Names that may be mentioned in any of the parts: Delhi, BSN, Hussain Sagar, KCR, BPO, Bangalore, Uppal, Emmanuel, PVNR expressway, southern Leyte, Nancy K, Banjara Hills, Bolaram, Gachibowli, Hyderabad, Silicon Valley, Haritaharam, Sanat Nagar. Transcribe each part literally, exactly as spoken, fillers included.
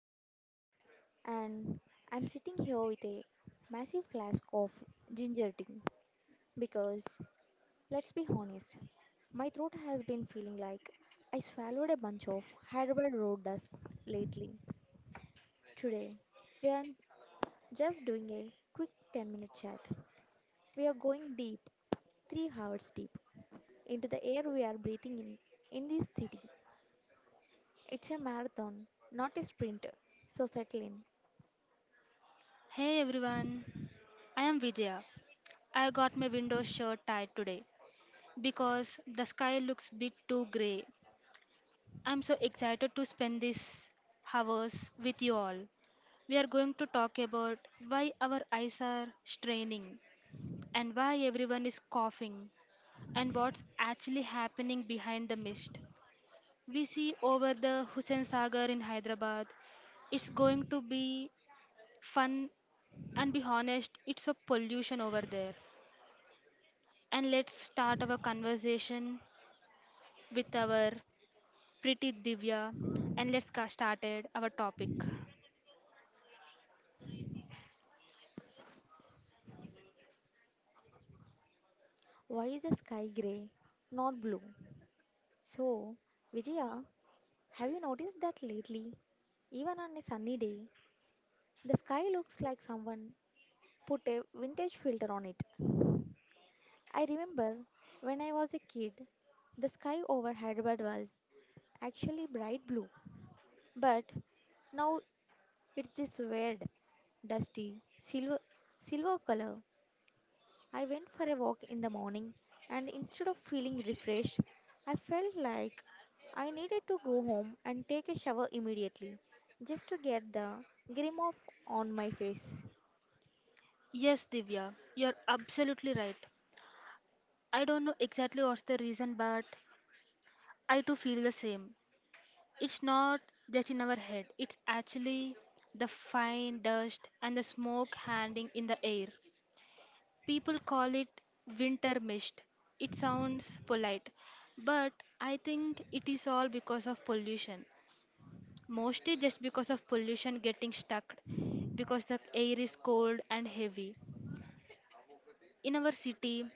Divya and I'm sitting here with a massive flask of ginger tea because let's be honest, my throat has been feeling like I swallowed a bunch of Hyderabad road dust lately. Today, we are just doing a quick ten minute chat. We are going deep, three hours deep, into the air we are breathing in in this city. It's a marathon, not a sprint, so settle in. Hey everyone, I am Vidya. I got my window shirt tied today because the sky looks bit too grey. I'm so excited to spend these hours with you all. We are going to talk about why our eyes are straining and why everyone is coughing and what's actually happening behind the mist. We see over the Hussain Sagar in Hyderabad. It's going to be fun and be honest, it's a pollution over there. And let's start our conversation with our pretty Divya. And let's get started our topic. Why is the sky grey, not blue? So, Vijaya, have you noticed that lately? Even on a sunny day, the sky looks like someone put a vintage filter on it. I remember when I was a kid, the sky over Hyderabad was actually bright blue. But now it's this weird, dusty, silver, silver color. I went for a walk in the morning, and instead of feeling refreshed, I felt like I needed to go home and take a shower immediately just to get the grime off on my face. Yes, Divya, you're absolutely right. I don't know exactly what's the reason, but I too feel the same. It's not just in our head, it's actually the fine dust and the smoke hanging in the air. People call it winter mist. It sounds polite, but I think it is all because of pollution. Mostly just because of pollution getting stuck, because the air is cold and heavy. In our city,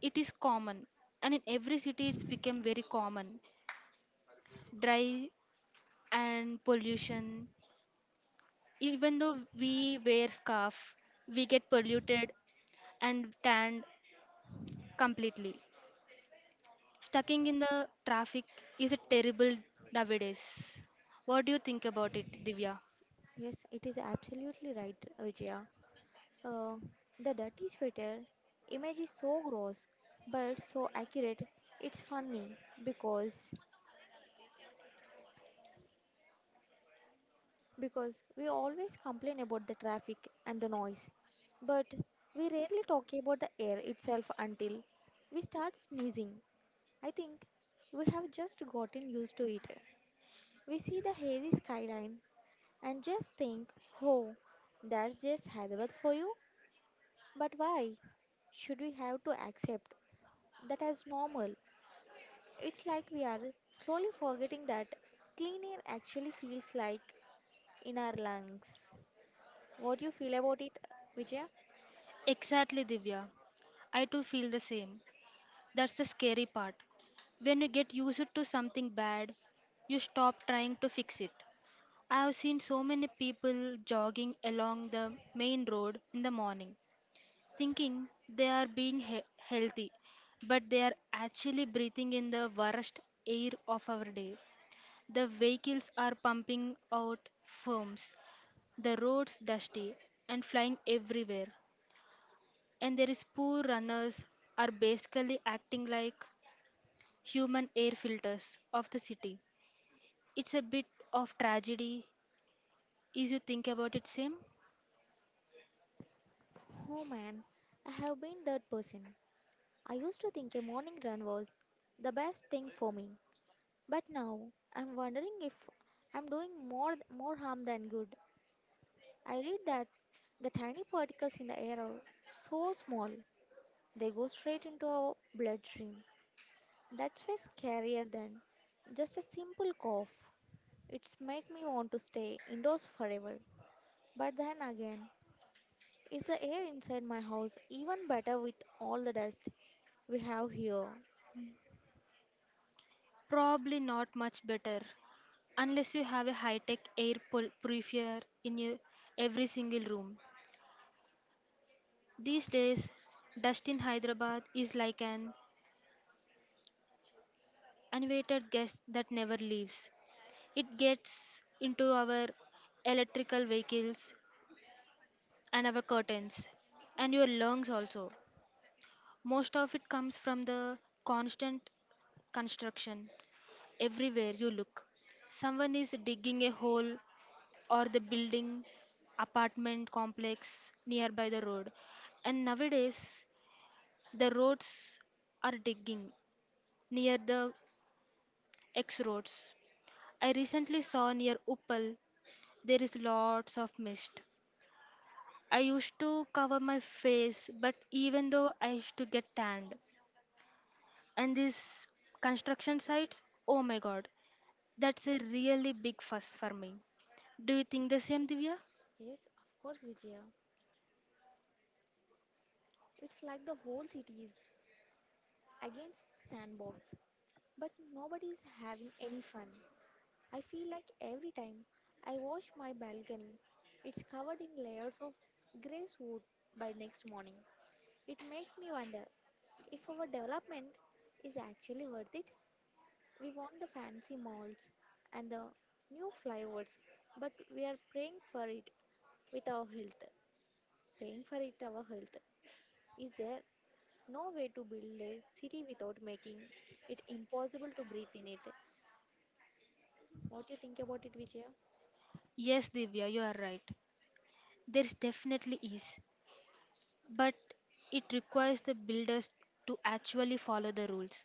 it is common, and in every city, it's become very common. Dry and pollution. Even though we wear scarf, we get polluted and tanned completely. Stucking in the traffic is a terrible nowadays. What do you think about it, Divya? Yes, it is absolutely right, Vijaya. Uh, the dirty sweater image is so gross but so accurate. It's funny because because we always complain about the traffic and the noise, but we rarely talk about the air itself until we start sneezing. I think we have just gotten used to it. We see the hazy skyline and just think, oh, that's just Hyderabad for you. But why should we have to accept that as normal? It's like we are slowly forgetting that clean air actually feels like in our lungs. What do you feel about it, Vijaya? Exactly, Divya. I too feel the same. That's the scary part. When you get used to something bad, you stop trying to fix it. I have seen so many people jogging along the main road in the morning, thinking they are being he- healthy, but they are actually breathing in the worst air of our day. The vehicles are pumping out fumes, the roads dusty and flying everywhere, and there is poor runners are basically acting like human air filters of the city. It's a bit of tragedy Is you think about it, same? Oh man, I have been that person. I used to think a morning run was the best thing for me, but now I'm wondering if I'm doing more more harm than good. I read that the tiny particles in the air are so small they go straight into our bloodstream. That's way scarier than just a simple cough. It's make me want to stay indoors forever. But then again, is the air inside my house even better with all the dust we have here? Probably not much better unless you have a high tech air pol- purifier in your every single room. These days, dust in Hyderabad is like an uninvited guest that never leaves. It gets into our electrical vehicles and our curtains and your lungs also. Most of it comes from the constant construction. Everywhere you look, someone is digging a hole or the building apartment complex nearby the road. And nowadays, the roads are digging near the X roads. I recently saw near Uppal there is lots of mist. I used to cover my face, but even though I used to get tanned. And these construction sites, oh my god, that's a really big fuss for me. Do you think the same, Divya? Yes, of course, Vijaya. It's like the whole city is against sandbox, but nobody is having any fun. I feel like every time I wash my balcony, it's covered in layers of grey soot by next morning. It makes me wonder if our development is actually worth it. We want the fancy malls and the new flyovers, but we are praying for it with our health. Paying for it our health. Is there no way to build a city without making it impossible to breathe in it? What do you think about it, Vijaya? Yes, Divya, you are right. There definitely is. But it requires the builders to actually follow the rules,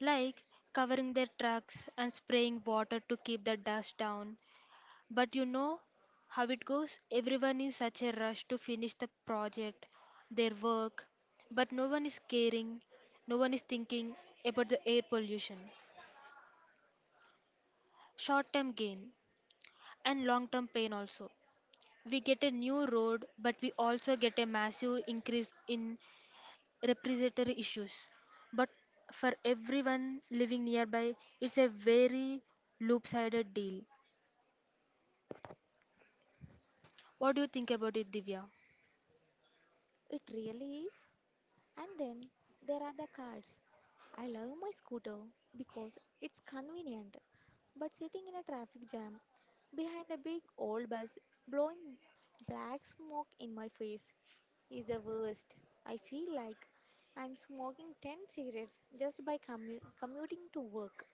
like covering their tracks and spraying water to keep the dust down. But you know how it goes? Everyone is such a rush to finish the project, their work, but no one is caring, no one is thinking about the air pollution. Short term gain and long term pain also. We get a new road, but we also get a massive increase in respiratory issues. But for everyone living nearby, it's a very loop sided deal. What do you think about it, Divya? It really is. And then there are the cars. I love my scooter because it's convenient, but sitting in a traffic jam behind a big old bus blowing black smoke in my face is the worst. I feel like I'm smoking ten cigarettes just by commu- commuting to work.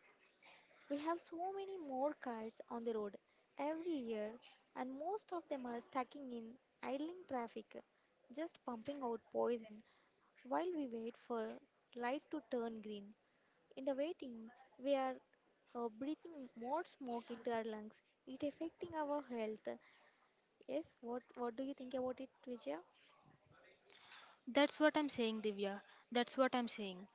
We have so many more cars on the road every year, and most of them are stuck in idling traffic, just pumping out poison while we wait for light to turn green. In the waiting, we are uh, breathing more smoke into our lungs, it affecting our health. Yes, what what do you think about it, Vijaya? That's what I'm saying, Divya. That's what I'm saying.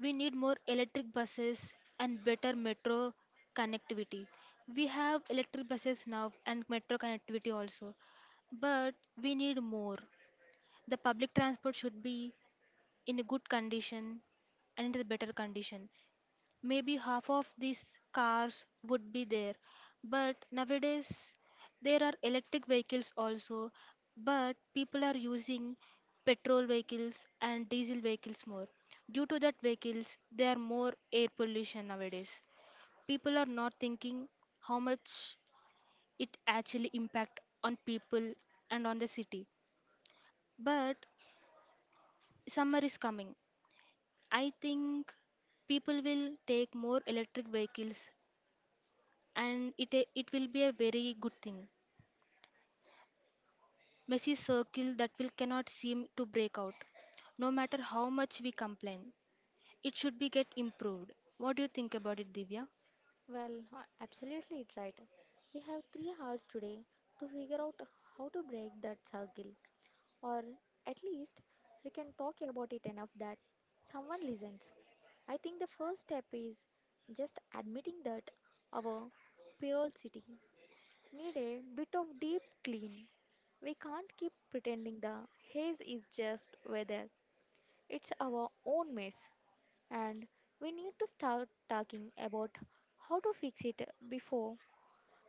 We need more electric buses and better metro connectivity. We have electric buses now and metro connectivity also, but we need more. The public transport should be in a good condition and in a better condition. Maybe half of these cars would be there. But nowadays, there are electric vehicles also, but people are using petrol vehicles and diesel vehicles more. Due to that vehicles, there are more air pollution nowadays. People are not thinking how much it actually impact on people and on the city. But summer is coming. I think people will take more electric vehicles and it a- it will be a very good thing. Messy circle that will cannot seem to break out no matter how much we complain. It should be get improved. What do you think about it Divya? Well, uh, absolutely it right. We have three hours today to figure out how to break that circle, or at least we can talk about it enough that someone listens. I think the first step is just admitting that our pure city need a bit of deep clean. We can't keep pretending the haze is just weather. It's our own mess and we need to start talking about how to fix it before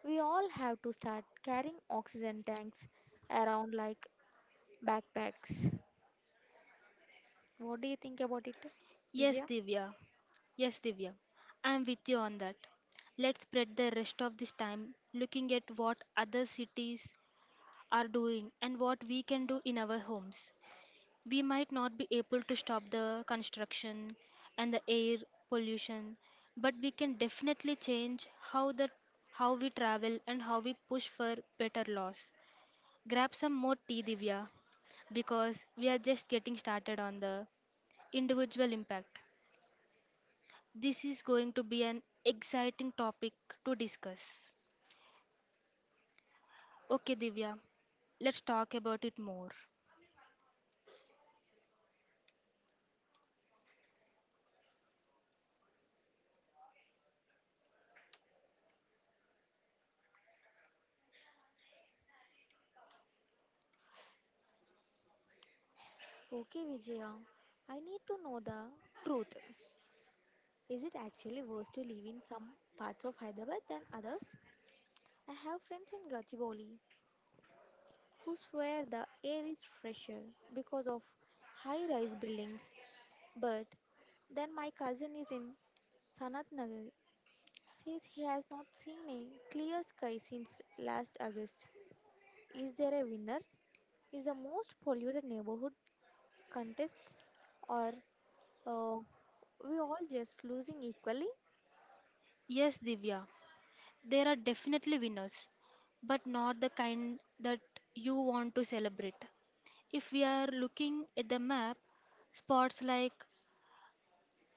we all have to start carrying oxygen tanks around like backpacks. What do you think about it, Yes, Vijaya? Divya. Yes, Divya. I am with you on that. Let's spread the rest of this time looking at what other cities are doing and what we can do in our homes. We might not be able to stop the construction and the air pollution, but we can definitely change how the how we travel and how we push for better laws. Grab some more tea, Divya, because we are just getting started on the individual impact. This is going to be an exciting topic to discuss. Okay, Divya, let's talk about it more. Okay, Vijaya, I need to know the truth. Is it actually worse to live in some parts of Hyderabad than others? I have friends in Gachibowli who swear the air is fresher because of high rise buildings, but then my cousin is in Sanat Nagar says he has not seen a clear sky since last August. Is there a winner? Is the most polluted neighborhood contests, or uh, we all just losing equally? Yes, Divya. There are definitely winners, but not the kind that you want to celebrate. If we are looking at the map, spots like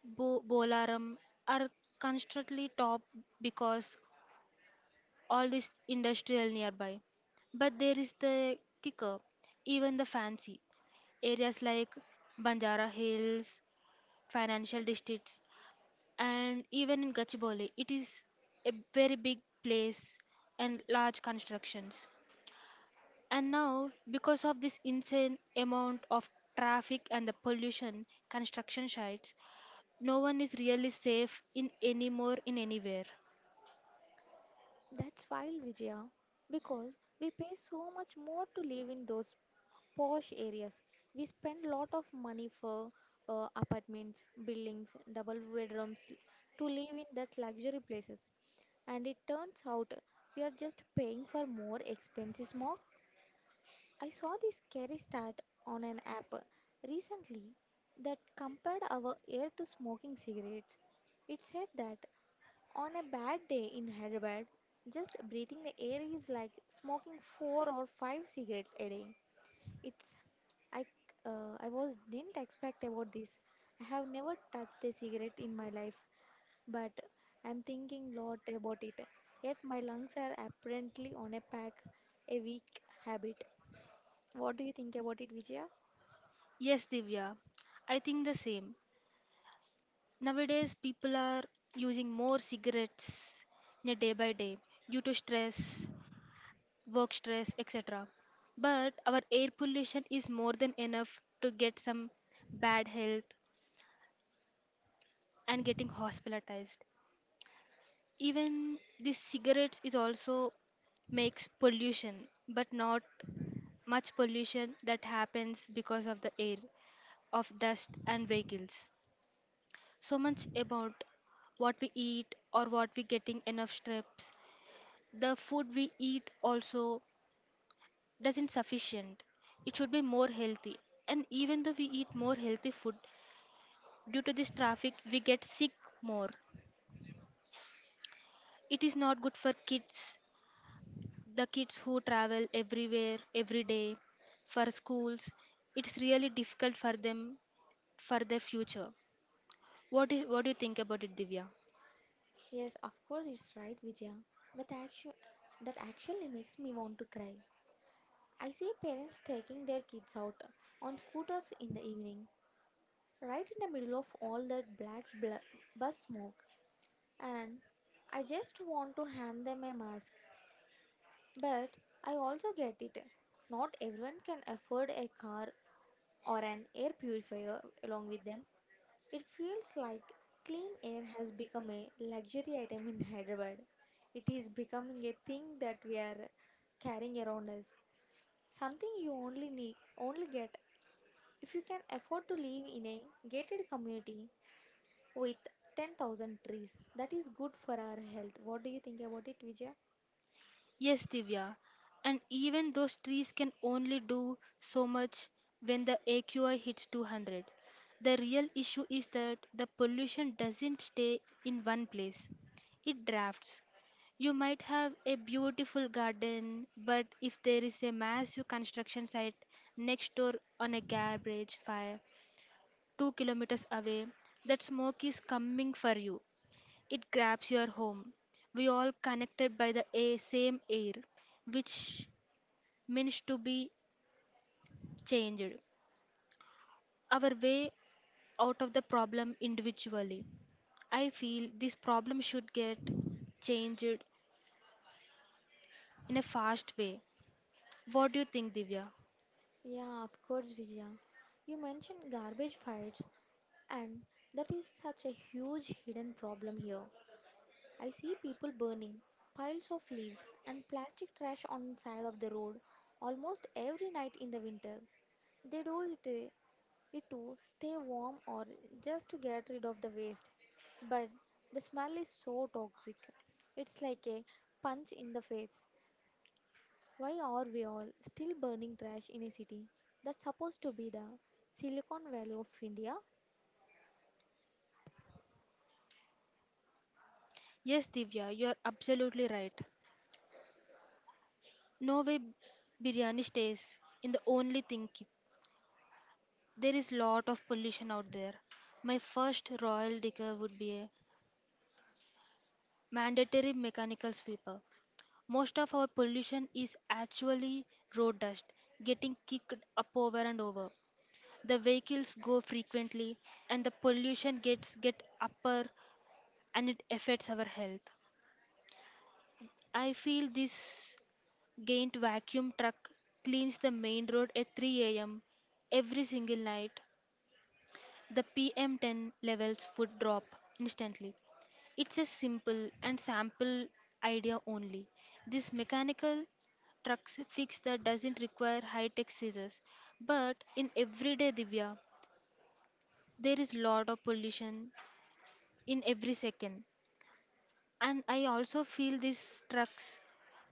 Bo- Bolaram are constantly top because all this industrial nearby. But there is the kicker, even the fancy areas like Banjara Hills, financial districts, and even in Gachibowli, it is a very big place and large constructions. And now, because of this insane amount of traffic and the pollution, construction sites, no one is really safe in anymore in anywhere. That's wild, Vijaya, because we pay so much more to live in those posh areas. We spend a lot of money for uh, apartments buildings double bedrooms l- to live in that luxury places, and it turns out we are just paying for more expenses more. I saw this scary stat on an app recently that compared our air to smoking cigarettes. It said that on a bad day in Hyderabad, just breathing the air is like smoking four or five cigarettes a day. It's I uh, I was didn't expect about this. I have never touched a cigarette in my life, but I'm thinking lot about it. Yet my lungs are apparently on a pack, a weak habit. What do you think about it, Vijaya? Yes, Divya, I think the same. Nowadays, people are using more cigarettes in a day by day due to stress, work stress, et cetera. But our air pollution is more than enough to get some bad health and getting hospitalized. Even this cigarettes is also makes pollution, but not much pollution that happens because of the air, of dust and vehicles. So much about what we eat or what we getting enough strips. The food we eat also doesn't sufficient. It should be more healthy. And even though we eat more healthy food, due to this traffic we get sick more. It is not good for kids, the kids who travel everywhere every day for schools. It's really difficult for them for their future. What do, what do you think about it, Divya? Yes, of course, it's right, Vijaya. That, actu- that actually makes me want to cry. I see parents taking their kids out on scooters in the evening, right in the middle of all that black bl- bus smoke, and I just want to hand them a mask. But I also get it. Not everyone can afford a car or an air purifier along with them. It feels like clean air has become a luxury item in Hyderabad. It is becoming a thing that we are carrying around us. Something you only need, only get if you can afford to live in a gated community with ten thousand trees. That is good for our health. What do you think about it, Vijaya? Yes, Divya. And even those trees can only do so much when the A Q I hits two hundred. The real issue is that the pollution doesn't stay in one place, it drafts. You might have a beautiful garden, but if there is a massive construction site next door on a garbage fire two kilometers away, that smoke is coming for you. It grabs your home. We all connected by the a- same air, which means to be changed. Our way out of the problem individually. I feel this problem should get changed in a fast way. What do you think, Divya? Yeah, of course, Vijaya. You mentioned garbage fights, and that is such a huge hidden problem here. I see people burning piles of leaves and plastic trash on side of the road almost every night in the winter. They do it, eh, it to stay warm or just to get rid of the waste. But the smell is so toxic. It's like a punch in the face. Why are we all still burning trash in a city that's supposed to be the Silicon Valley of India? Yes, Divya, you are absolutely right. No way biryani stays in the only thing. keep- There is lot of pollution out there. My first royal decor would be a mandatory mechanical sweeper. Most of our pollution is actually road dust getting kicked up over and over. The vehicles go frequently and the pollution gets get upper and it affects our health. I feel this giant vacuum truck cleans the main road at three a m every single night the P M ten levels would drop instantly. It's a simple and sample idea only. This mechanical trucks fix that doesn't require high-tech scissors. But in everyday, Divya, there is lot of pollution in every second. And I also feel these trucks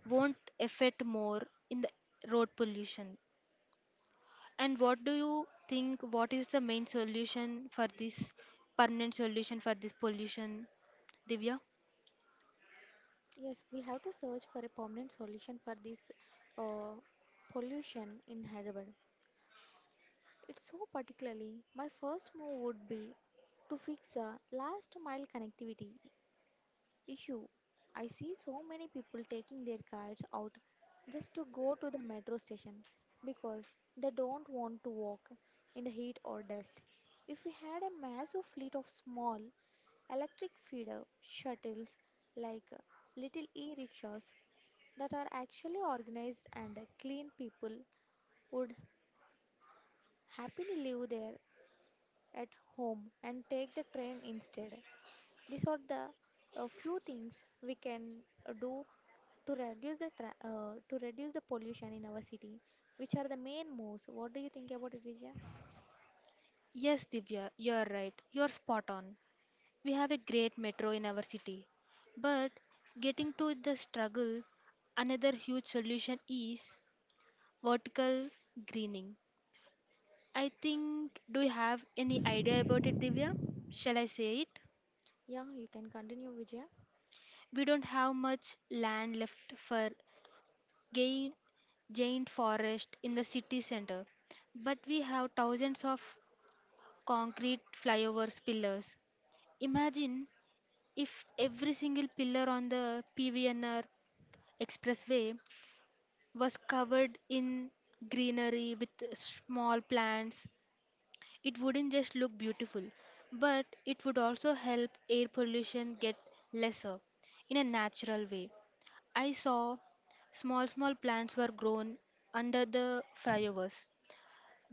won't affect more in the road pollution. And what do you think? What is the main solution for this permanent solution for this pollution, Divya? Yes, we have to search for a permanent solution for this uh, pollution in Hyderabad. It's so particularly, my first move would be to fix the last mile connectivity issue. I see so many people taking their cars out just to go to the metro station because they don't want to walk in the heat or dust. If we had a massive fleet of small electric feeder shuttles like little e rickshaws that are actually organized and clean, people would happily live there at home and take the train instead. These are the uh, few things we can uh, do to reduce the tra- uh, to reduce the pollution in our city, which are the main moves. What do you think about it, Vijaya? Yes, Divya, you're right. You're spot on. We have a great metro in our city. But getting to the struggle, another huge solution is vertical greening. I think, do you have any idea about it, Divya? Shall I say it? Yeah, you can continue, Vijaya. We don't have much land left for gain- giant forest in the city center. But we have thousands of concrete flyovers pillars. Imagine if every single pillar on the P V N R expressway was covered in greenery with small plants. It wouldn't just look beautiful, but it would also help air pollution get lesser in a natural way. I saw small small plants were grown under the flyovers.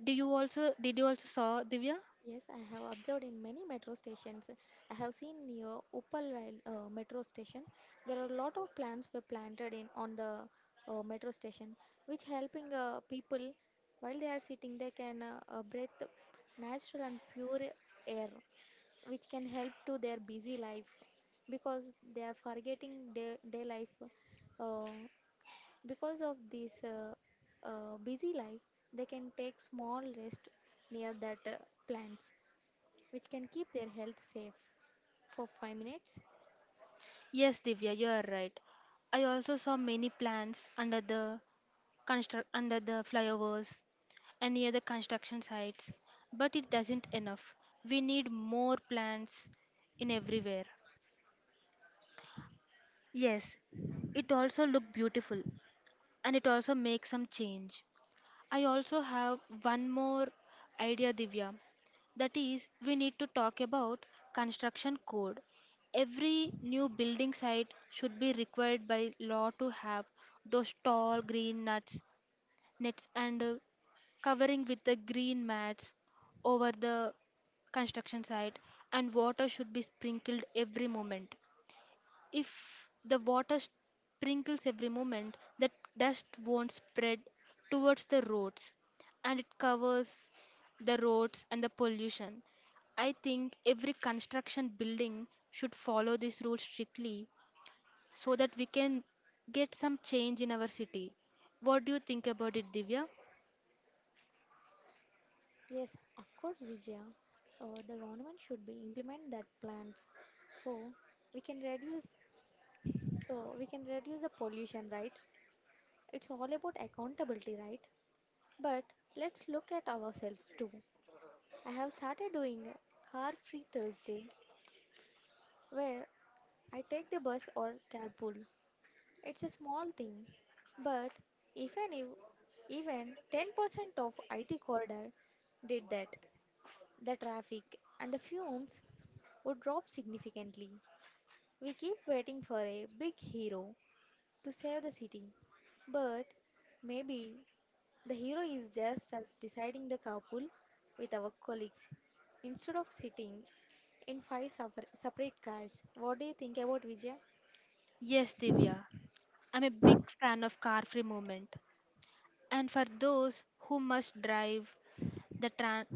Do you also Did you also saw, Divya? Yes, I have observed in many metro stations. I have seen near Uppal rail, uh, metro station. There are a lot of plants were planted in on the uh, metro station, which helping uh, people while they are sitting, they can uh, uh, breathe natural and pure air, which can help to their busy life because they are forgetting day, day life. Uh, because of this uh, uh, busy life, they can take small rest near that uh, plants which can keep their health safe. For five minutes? Yes, Divya, you are right. I also saw many plants under the construct under the flyovers and near the construction sites, but it doesn't enough. We need more plants in everywhere. Yes, it also look beautiful and it also makes some change. I also have one more idea, Divya. That is, we need to talk about construction code. Every new building site should be required by law to have those tall green nuts, nets, and uh, covering with the green mats over the construction site, and water should be sprinkled every moment. If the water sprinkles every moment, the dust won't spread towards the roads and it covers the roads and the pollution. I think every construction building should follow this rule strictly so that we can get some change in our city. What do you think about it, Divya? Yes, of course, Vijaya. Uh, the government should be implement that plans so we can reduce so we can reduce the pollution, right? It's all about accountability, right? But let's look at ourselves too. I have started doing a car free Thursday where I take the bus or carpool. It's a small thing, but even if an ev- even ten percent of I T corridor did that, the traffic and the fumes would drop significantly. We keep waiting for a big hero to save the city, but maybe the hero is just us deciding the carpool with our colleagues instead of sitting in five suffer- separate cars. What do you think about Vijay? Yes, Divya. I'm a big fan of car free movement. And for those who must drive, the tran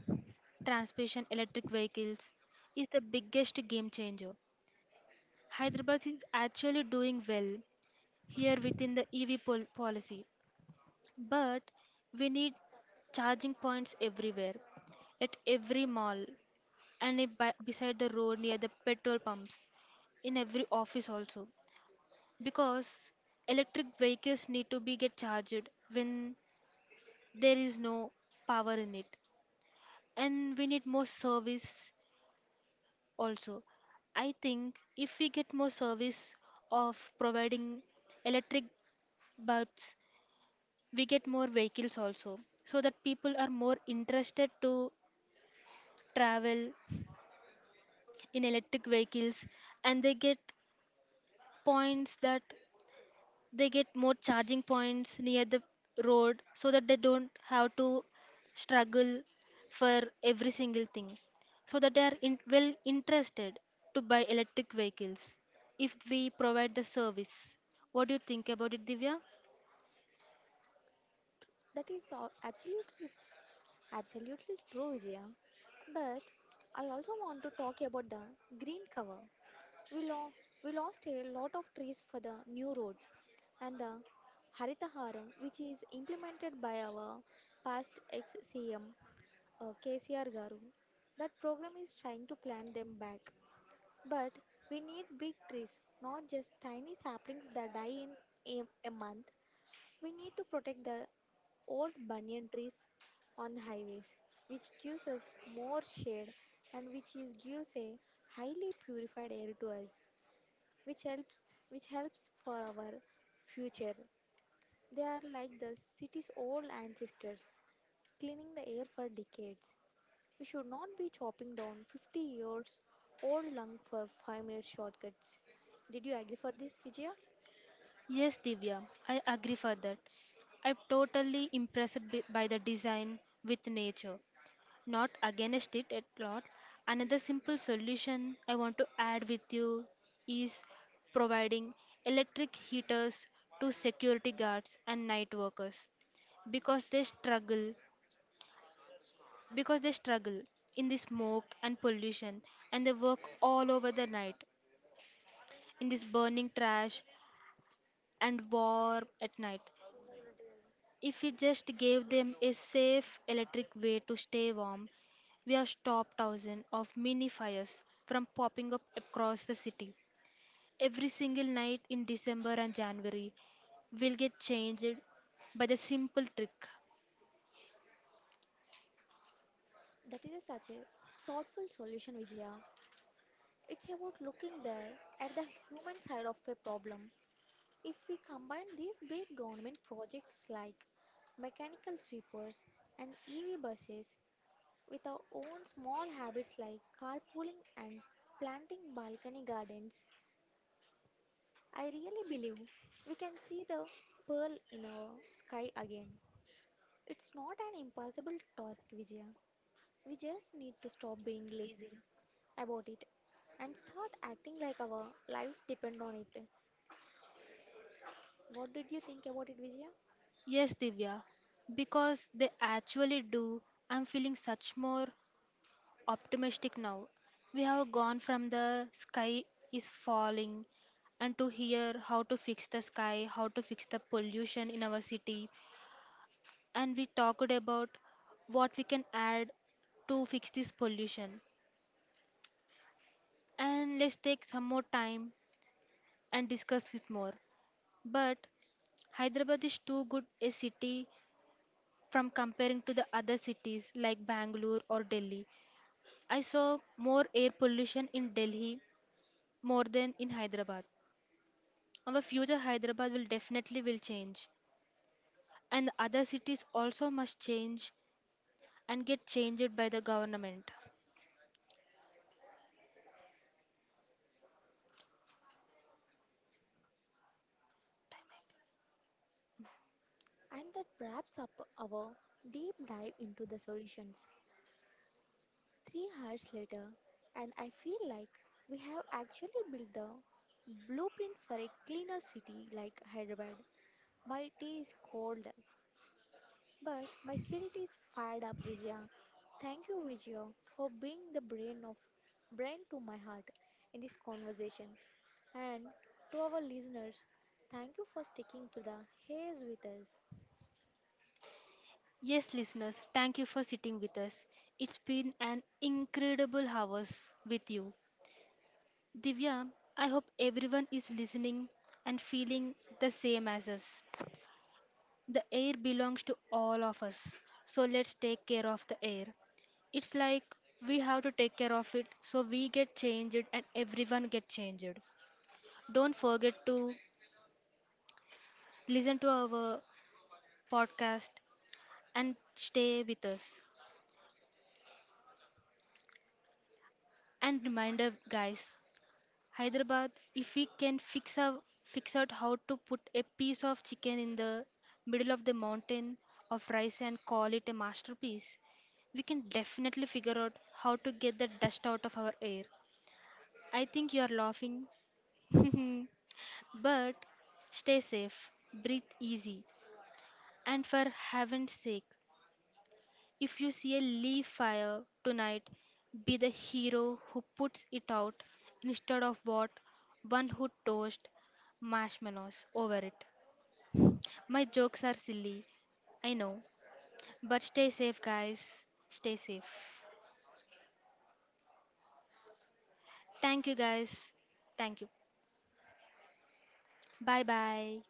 transportation electric vehicles is the biggest game changer. Hyderabad is actually doing well here within the E V pol- policy, but we need charging points everywhere, at every mall, and it by, beside the road near the petrol pumps, in every office also, because electric vehicles need to be get charged when there is no power in it, and we need more service. Also, I think if we get more service of providing electric bulbs, we get more vehicles also, so that people are more interested to travel in electric vehicles and they get points that they get more charging points near the road so that they don't have to struggle for every single thing. So that they are in, well interested to buy electric vehicles if we provide the service. What do you think about it, Divya? That is a- absolutely Absolutely true, Vijaya. But I also want to talk about the green cover. We, lo- we lost a lot of trees for the new roads and the Haritaharam, which is implemented by our past ex C M uh, K C R Garu. That program is trying to plant them back. But we need big trees, not just tiny saplings that die in a, a month. We need to protect the old banyan trees on the highways, which gives us more shade and which is gives a highly purified air to us, which helps which helps for our future. They are like the city's old ancestors, cleaning the air for decades. We should not be chopping down fifty years old lung for five minute shortcuts. Did you agree for this, Vijaya? Yes, Divya, I agree for that. I'm totally impressed bi- by the design with nature, not against it at all. Another simple solution I want to add with you is providing electric heaters to security guards and night workers because they struggle because they struggle in the smoke and pollution and they work all over the night in this burning trash and warm at night. If we just gave them a safe electric way to stay warm, we have stopped thousands of mini fires from popping up across the city. Every single night in December and January will get changed by the simple trick. That is such a thoughtful solution, Vijaya. It's about looking there at the human side of a problem. If we combine these big government projects like mechanical sweepers and E V buses with our own small habits like carpooling and planting balcony gardens, I really believe we can see the pearl in our sky again. It's not an impossible task, Vijaya. We just need to stop being lazy about it and start acting like our lives depend on it. What did you think about it, Vijaya? Yes, Divya, because they actually do. I'm feeling such more optimistic now. We have gone from the sky is falling and to hear how to fix the sky, how to fix the pollution in our city, and we talked about what we can add to fix this pollution. And let's take some more time and discuss it more. But Hyderabad is too good a city from comparing to the other cities like Bangalore or Delhi. I saw more air pollution in Delhi more than in Hyderabad. Our future Hyderabad will definitely will change and other cities also must change and get changed by the government. And that wraps up our deep dive into the solutions. Three hours later, and I feel like we have actually built the blueprint for a cleaner city like Hyderabad. My tea is cold but my spirit is fired up, Vijaya. Thank you, Vijaya, for being the brain of brain to my heart in this conversation. And to our listeners, thank you for sticking to the haze with us. Yes listeners, thank you for sitting with us. It's been an incredible hours with you. Divya, I hope everyone is listening and feeling the same as us. The air belongs to all of us. So let's take care of the air. It's like we have to take care of it so we get changed and everyone get changed. Don't forget to listen to our podcast and stay with us. And reminder, guys, Hyderabad, if we can fix out, fix out how to put a piece of chicken in the middle of the mountain of rice and call it a masterpiece, we can definitely figure out how to get the dust out of our air. I think you are laughing. But stay safe, breathe easy, and for heaven's sake, if you see a leaf fire tonight, be the hero who puts it out instead of what one who toast marshmallows over it. My jokes are silly, I know, but stay safe, guys. Stay safe. Thank you, guys. Thank you. Bye bye.